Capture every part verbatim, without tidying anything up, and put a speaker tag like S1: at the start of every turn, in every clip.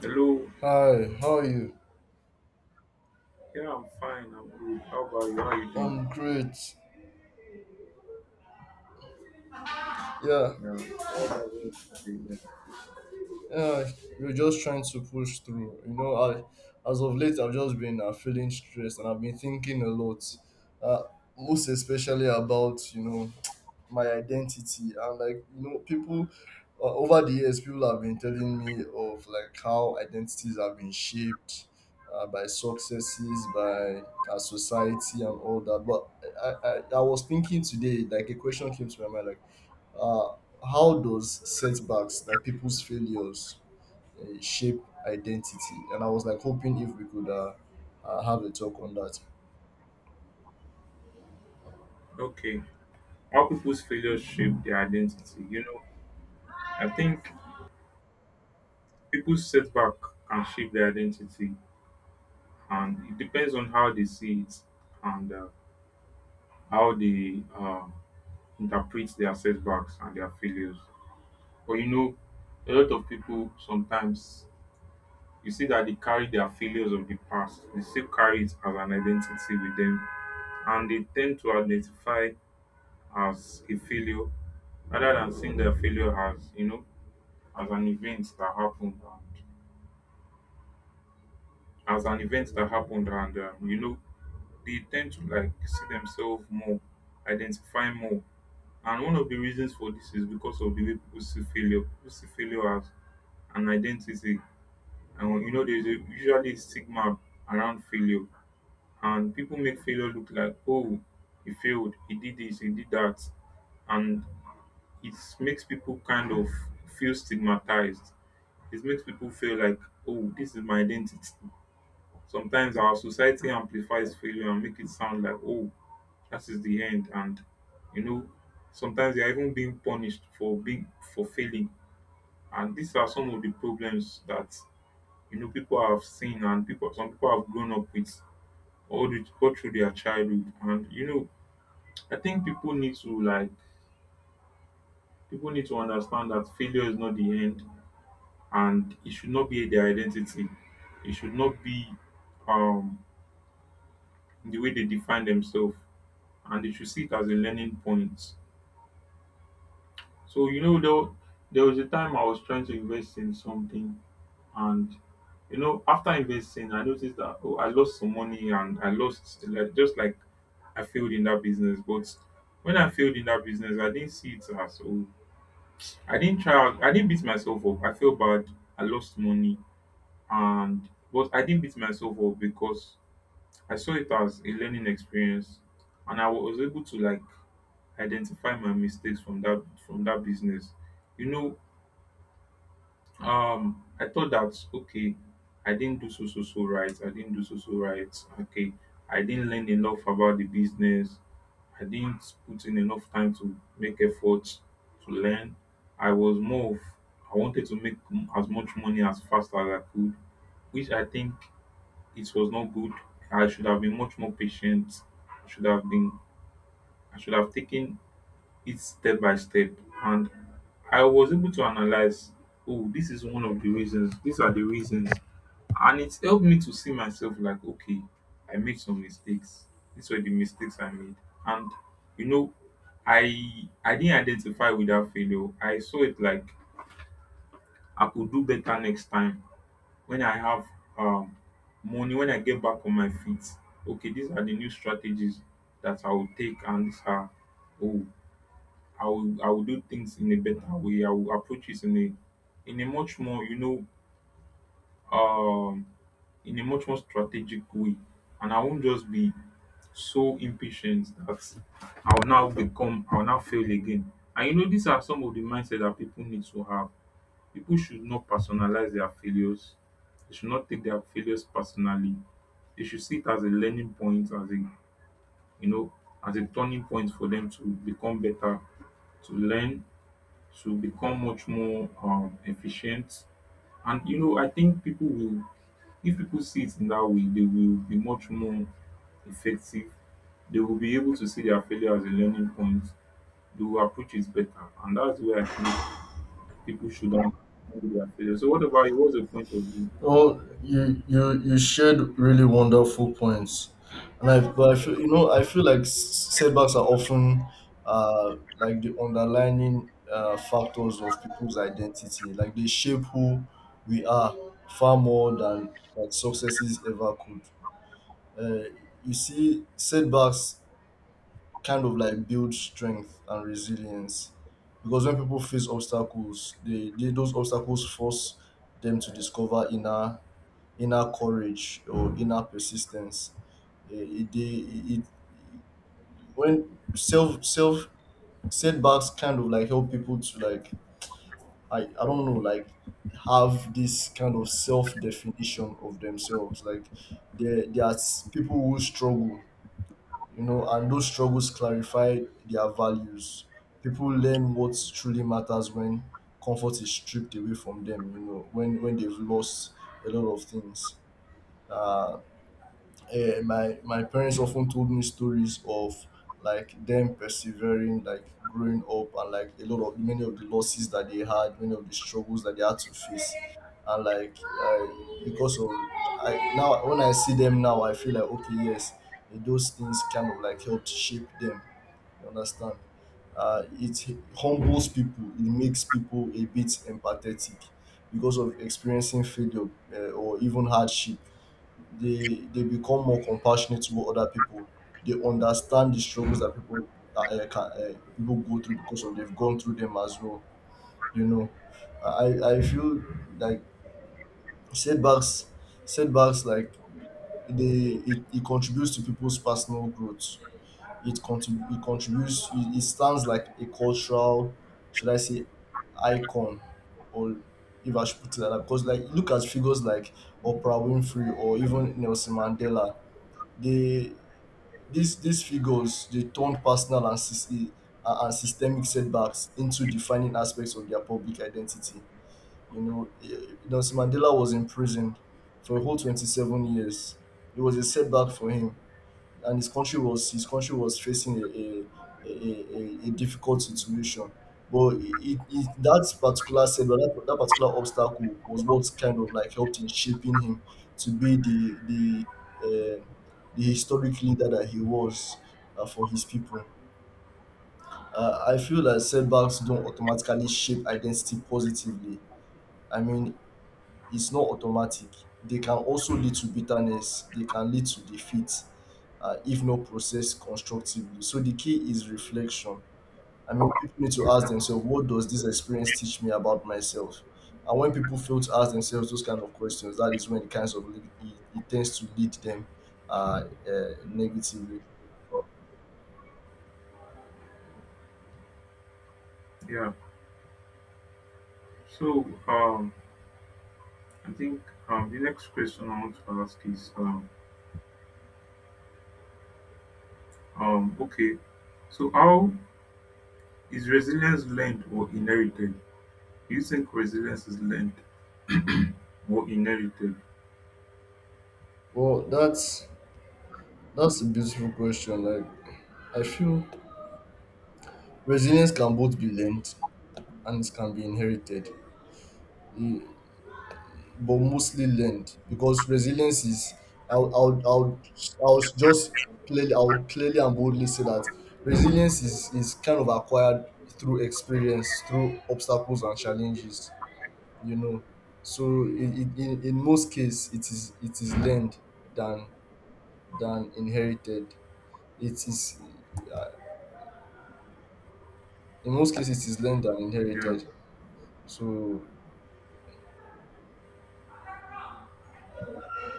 S1: Hello.
S2: Hi, how are you?
S1: Yeah, I'm fine. I'm good. How about you? How are you doing?
S2: I'm great. Yeah,
S1: Yeah. How's everyone doing?
S2: yeah, we're just trying to push through. You know, I, as of late, I've just been uh, feeling stressed, and I've been thinking a lot, uh, most especially about, you know, my identity. And like, you know, people uh, over the years, people have been telling me of like how identities have been shaped uh, by successes, by uh, society, and all that. But I, I, I was thinking today, like, a question came to my mind, like, Uh, how does setbacks, like people's failures, uh, shape identity? And I was like hoping if we could uh, uh, have a talk on that.
S1: Okay. How people's failures shape their identity. You know, I think people's setback can shape their identity, and it depends on how they see it and uh, how they uh, interpret their setbacks and their failures. But you know, a lot of people sometimes you see that they carry their failures of the past. They still carry it as an identity with them, and they tend to identify as a failure rather than seeing the failure as you know as an event that happened and as an event that happened and um, you know they tend to like see themselves more identify more, and one of the reasons for this is because of the way people see failure. People see failure as an identity, and you know there's a, usually a stigma around failure, and people make failure look like, oh, he failed, he did this, he did that, and it makes people kind of feel stigmatized. It makes people feel like, oh, this is my identity. Sometimes our society amplifies failure and make it sound like, oh, that is the end. And you know, sometimes they are even being punished for being for failing. And these are some of the problems that you know people have seen, and people some people have grown up with all the all through their childhood. And you know, I think people need to like people need to understand that failure is not the end, and it should not be their identity. It should not be um, the way they define themselves, and they should see it as a learning point. So you know, there, wa- there was a time I was trying to invest in something, and you know, after investing, I noticed that, oh, I lost some money, and I lost like just like I failed in that business. But when I failed in that business, I didn't see it as, oh, I didn't try. out- I didn't beat myself up. I feel bad. I lost money and but I didn't beat myself up because I saw it as a learning experience, and I was able to like identify my mistakes from that from that business. You know, um, I thought that okay, I didn't do so so so right. I didn't do so so right. Okay, I didn't learn enough about the business. I didn't put in enough time to make efforts to learn. I was more of I wanted to make m- as much money as fast as I could, which I think it was not good. I should have been much more patient. I should have been I should have taken it step by step. And I was able to analyze, oh, this is one of the reasons, these are the reasons. And it helped me to see myself like, okay, I made some mistakes. These were the mistakes I made. And you know, I I didn't identify with that failure. I saw it like I could do better next time when I have um, money, when I get back on my feet, okay, these are the new strategies that I will take, and these are oh, I will I will do things in a better way. I will approach this in a in a much more you know um in a much more strategic way, and I won't just be so impatient that I'll now become I'll now fail again. And you know these are some of the mindset that people need to have. People should not personalize their failures. They should not take their failures personally. They should see it as a learning point, as a you know, as a turning point for them to become better, to learn, to become much more um, efficient. And you know, I think people will, if people see it in that way, they will be much more effective. They will be able to see their failure as a learning point. They will approach it better, and that's where I think people should handle their failure. So, what about you? What's the point of view?
S2: Well, you you you shared really wonderful points, and I, but I feel, you know, I feel like s- setbacks are often uh like the underlining uh, factors of people's identity. Like they shape who we are far more than like successes ever could. Uh, you see, setbacks kind of like build strength and resilience, because when people face obstacles, they, they those obstacles force them to discover inner inner courage or inner persistence. Eh, it, they, it, it when self self setbacks kind of like help people to like, i i don't know, like have this kind of self definition of themselves, like there there are s- people who struggle, you know, and those struggles clarify their values. People learn what truly matters when comfort is stripped away from them, you know, when when they've lost a lot of things. uh uh, my my parents often told me stories of like them persevering, like growing up, and like a lot of, many of the losses that they had, many of the struggles that they had to face. And like, uh, because of, I now when I see them now, I feel like, okay, yes, eh, those things kind of like helped shape them, you understand. Uh, it humbles people, it makes people a bit empathetic because of experiencing failure, uh, or even hardship. they they become more compassionate toward other people. They understand the struggles that people uh, can, uh, people go through because of they've gone through them as well. You know, I I feel like setbacks, setbacks like they it, it contributes to people's personal growth. It contrib- it contributes, it, it stands like a cultural, should I say, icon, or, if I should put it like that, because like look at figures like Oprah Winfrey or even Nelson Mandela. they, these these figures, they turned personal and sys- e- and systemic setbacks into defining aspects of their public identity. You know, eh, Nelson Mandela was imprisoned for a whole twenty-seven years. It was a setback for him, and his country was, his country was facing a a a, a, a difficult situation. But it, it, that particular setback, that, that particular obstacle was what kind of like helped in shaping him to be the the uh, the historic leader that he was uh, for his people. Uh, I feel that setbacks don't automatically shape identity positively. I mean, it's not automatic. They can also lead to bitterness, they can lead to defeat, uh, if not processed constructively. So the key is reflection. I mean, people need to ask themselves, what does this experience teach me about myself? And when people fail to ask themselves those kind of questions, that is when the kinds of lead, it, it tends to lead them uh, uh negatively.
S1: Yeah. So um, I think um, the next question I want to ask is um, um, okay. So how is resilience learned or inherited? Do you think resilience is learned or inherited?
S2: Well, that's that's a beautiful question. Like, I feel resilience can both be learned, and it can be inherited. But mostly learned, because resilience is, I'll I'll I'll, I'll just clearly, I'll clearly and boldly say that resilience is is kind of acquired through experience, through obstacles and challenges, you know. So in in, in in most cases, it is, it is learned than than inherited. It is, in most cases, it is learned than
S1: Yeah.
S2: inherited. So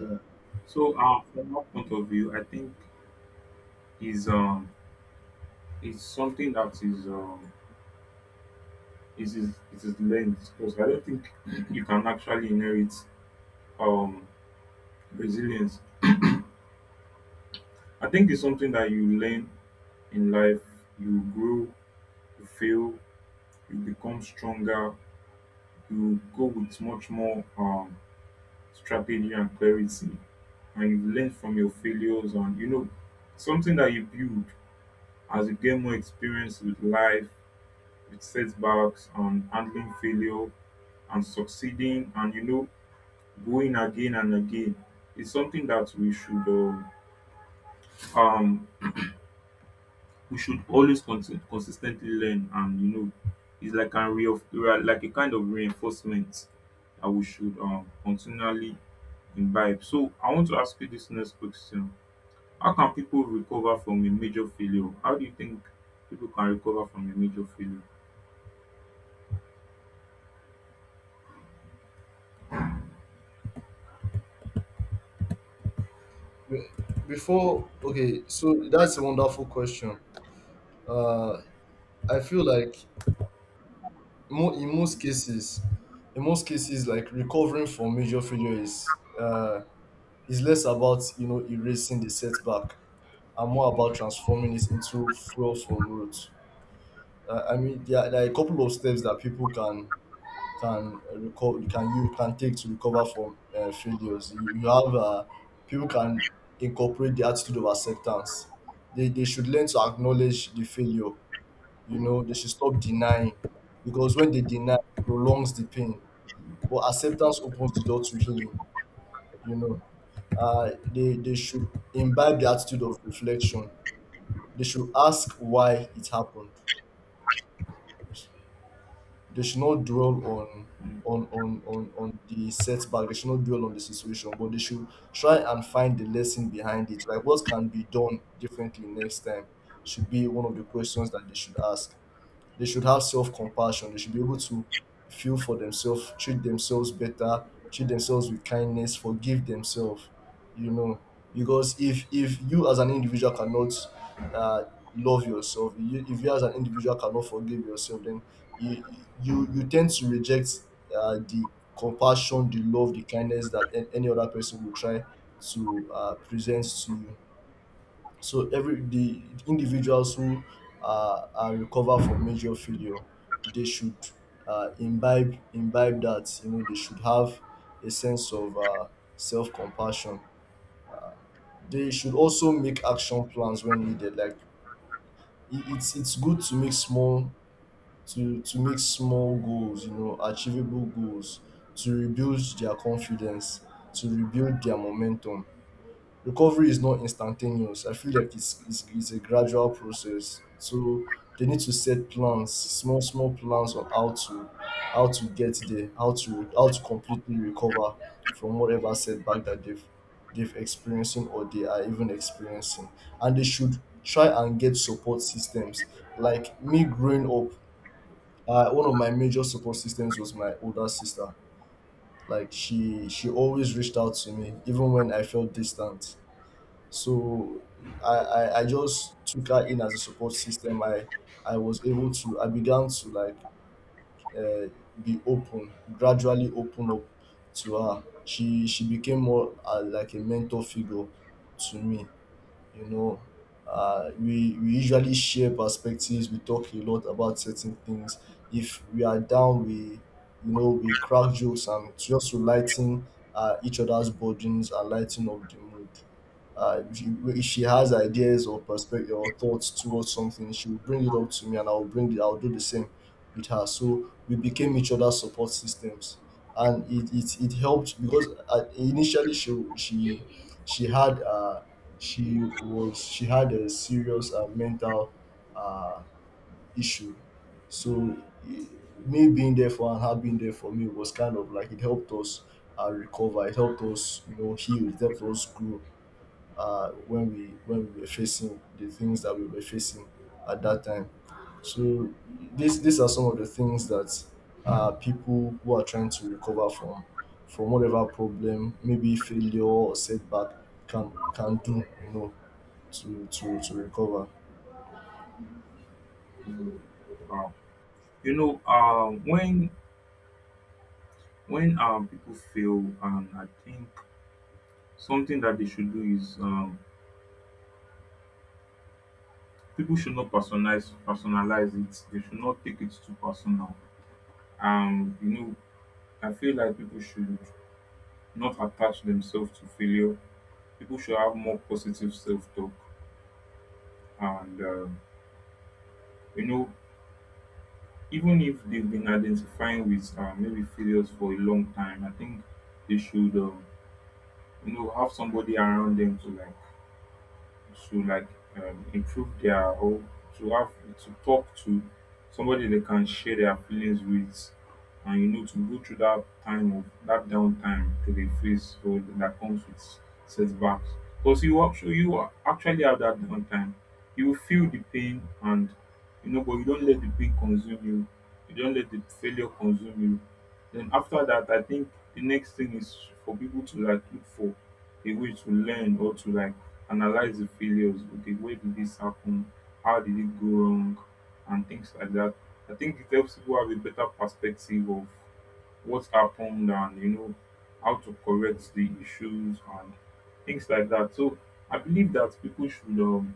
S1: Yeah. So uh, from my point of view, I think is um is something that is um is is it is learned because I don't think you can actually inherit um resilience. I think it's something that you learn in life, you grow. You fail, you become stronger, you go with much more um, strategy and clarity, and you learn from your failures. And you know, something that you build as you gain more experience with life, with setbacks, and handling failure, and succeeding, and you know, going again and again. It's something that we should uh, um, we should always consi- consistently learn. And you know it's like a re- of- re- like a kind of reinforcement that we should um continually imbibe. So I want to ask you this next question: how can people recover from a major failure? How do you think people can recover from a major failure?
S2: be- before, okay, so that's a wonderful question. Uh I feel like, mo- in most cases, in most cases, like recovering from major failure is uh, is less about, you know, erasing the setback, and more about transforming it into fuel for growth. Uh, I mean, there are, there are a couple of steps that people can can uh, recover, can, you can take to recover from uh, failures. You, you have uh, people can incorporate the attitude of acceptance. They, they should learn to acknowledge the failure. You know, they should stop denying, because when they deny, it prolongs the pain, but acceptance opens the door to healing, you know. uh, they they should imbibe the attitude of reflection. They should ask why it happened. They should not dwell on, on on on, on the setback, they should not dwell on the situation, but they should try and find the lesson behind it. Like, what can be done differently next time should be one of the questions that they should ask. They should have self compassion. They should be able to feel for themselves, treat themselves better, treat themselves with kindness, forgive themselves. You know, because if if you as an individual cannot uh, love yourself, you, if you as an individual cannot forgive yourself, then you you you tend to reject uh, the compassion, the love, the kindness that an- any other person will try to uh, present to you. So every, the individuals who are, are recover from major failure, they should uh, imbibe imbibe that, you know, they should have a sense of uh, self compassion. They should also make action plans when needed. Like it, it's it's good to make small, to to make small goals, you know, achievable goals to rebuild their confidence, to rebuild their momentum. Recovery is not instantaneous. I feel like it's, it's, it's a gradual process. So they need to set plans, small small plans on how to how to get there, how to how to completely recover from whatever setback that they've they've experiencing, or they are even experiencing. And they should try and get support systems. Like me growing up, uh, one of my major support systems was my older sister. Like she she always reached out to me even when I felt distant. So I, I, I just took her in as a support system. I I was able to, I began to like uh, be open, gradually open up to her. She she became more, uh, like a mentor figure to me. You know, uh, we we usually share perspectives. We talk a lot about certain things. If we are down, we, you know, we crack jokes and just to lighten uh, each other's burdens and lighten up the mood. Uh, if, you, if she has ideas or perspective or thoughts towards something, she will bring it up to me, and I'll bring it, I'll do the same with her. So we became each other's support systems, and it it, it helped because, uh, initially she she she had uh she was, she had a serious uh, mental uh issue, so. i- Me being there for her and her being there for me was kind of like, it helped us uh, recover. It helped us, you know, heal. It helped us grow uh, when we when we were facing the things that we were facing at that time. So these these are some of the things that uh, people who are trying to recover from from whatever problem, maybe failure or setback, can can do. You know, to to to recover.
S1: Mm, wow, you know um when when um people fail, and I think something that they should do is um people should not personalize personalize it. They should not take it too personal. Um, you know, I feel like people should not attach themselves to failure. People should have more positive self talk. And um, you know, even if they've been identifying with uh, maybe failures for a long time, I think they should, um, you know, have somebody around them to like to like um, improve their or to have to talk to somebody they can share their feelings with, and you know to go through that time of that downtime to they face or that comes with setbacks. Because you actually you are- actually have that downtime, you will feel the pain and you know but you don't let the pain consume you, you don't let the failure consume you. Then after that, I think the next thing is for people to like look for a way to learn or to like analyze the failures. Okay, where did this happen? How did it go wrong? And things like that. I think it helps people have a better perspective of what happened and you know how to correct the issues and things like that. So I believe that people should um,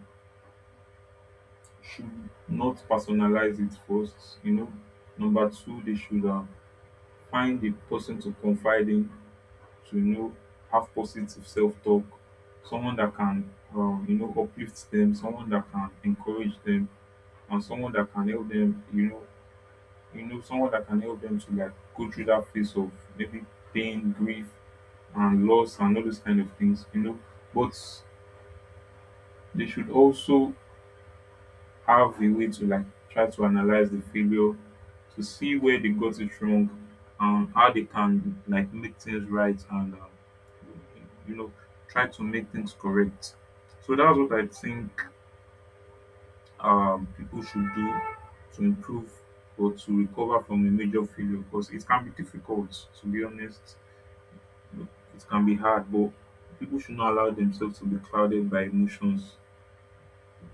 S1: should not personalize it first. You know, number two, they should uh, find a person to confide in, to you know have positive self-talk, someone that can um, you know uplift them, someone that can encourage them, and someone that can help them you know you know someone that can help them to like go through that phase of maybe pain, grief, and loss, and all those kind of things you know. But they should also have a way to like try to analyze the failure to see where they got it wrong and how they can like make things right, and um, you know try to make things correct. So that's what I think um, people should do to improve or to recover from a major failure, because it can be difficult, to be honest. It can be hard, but people should not allow themselves to be clouded by emotions.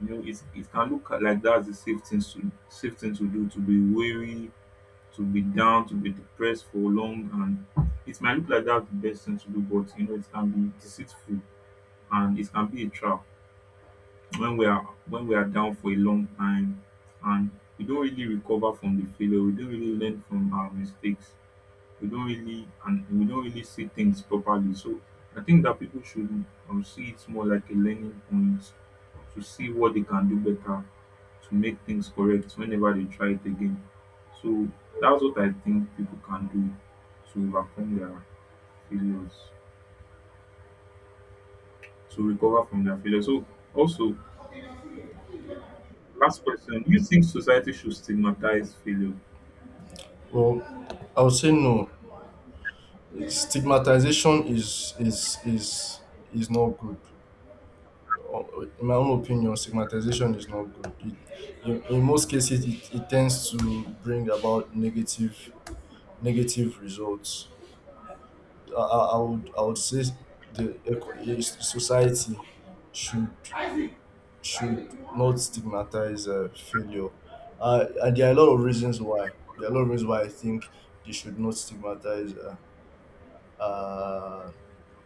S1: You know it it can look like that's the safe thing to safe thing to do, to be weary, to be down, to be depressed for long, and it might look like that's the best thing to do, but you know it can be deceitful, and it can be a trap. When we are when we are down for a long time, and we don't really recover from the failure, we don't really learn from our mistakes, we don't really and we don't really see things properly. So I think that people should um, see it more like a learning point, to see what they can do better, to make things correct whenever they try it again. So that's what I think people can do to overcome their failures, to recover from their failures. So also, last question: do you think society should stigmatize failure?
S2: Well, I would say no. Stigmatization is is is is not good. In my own opinion, stigmatization is not good. It, in, in most cases, it, it tends to bring about negative, negative results. I, I, I would, I would say the eco- eh, society should should not stigmatize uh, failure, uh, and there are a lot of reasons why. There are a lot of reasons why I think they should not stigmatize uh, uh,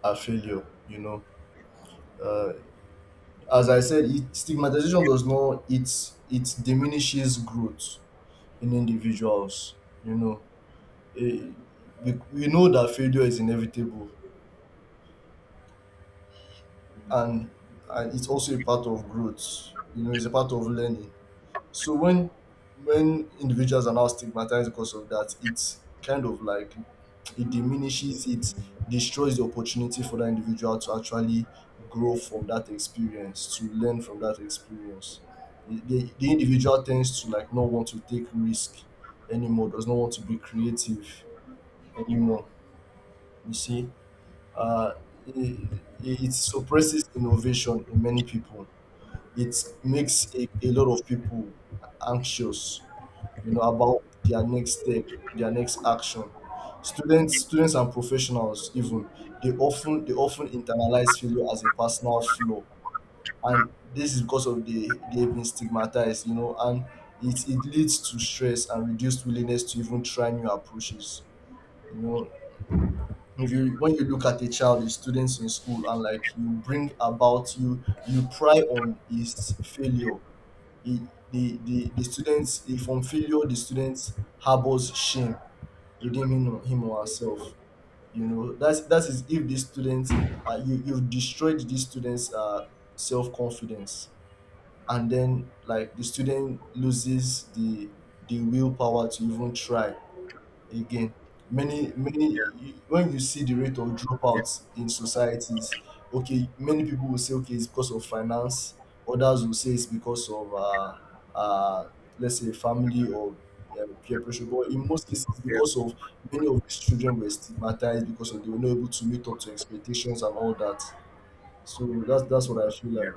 S2: a failure. You know, uh, as I said, it stigmatization does not, it it diminishes growth in individuals, you know. Eh, we, we know that failure is inevitable, and and it's also a part of growth, you know, it's a part of learning. So when when individuals are now stigmatized because of that, it's kind of like, it diminishes, it destroys the opportunity for that individual to actually grow from that experience, to learn from that experience. The, the, the individual tends to like not want to take risk anymore, does not want to be creative anymore. You see, uh, it, it suppresses innovation in many people. It makes a, a lot of people anxious, you know, about their next step, their next action. Students students and professionals even, they often they often internalize failure as a personal flaw, and this is because of the, they've been stigmatized, you know, and it, it leads to stress and reduced willingness to even try new approaches, you know. If you, when you look at a child, the students in school, and like you bring about, you you pry on his failure, the, the, the, the students, if from failure, the students harbors shame within him, him or herself, you know. That's that is, if these students, uh, you you've destroyed these students, uh, self-confidence, and then like the student loses the the willpower to even try again. Many,
S1: Yeah,
S2: many, when you see the rate of
S1: yeah,
S2: dropouts in societies, okay, many people will say, okay, it's because of finance. Others will say it's because of, uh, uh, let's say, family, or uh, peer pressure. But in most cases, it's because
S1: yeah.
S2: of many of these children were stigmatized because of they were not able to meet up to expectations and all that. So that's that's what I feel
S1: Yeah.
S2: like.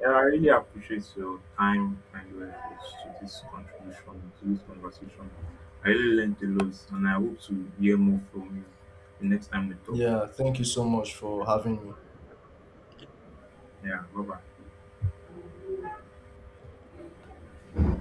S1: Yeah, I really appreciate your time and your efforts to this contribution, to this conversation. I really learned a lot, and I hope to hear more from you the next time we talk.
S2: Yeah, thank you so much for having me.
S1: Yeah, bye bye.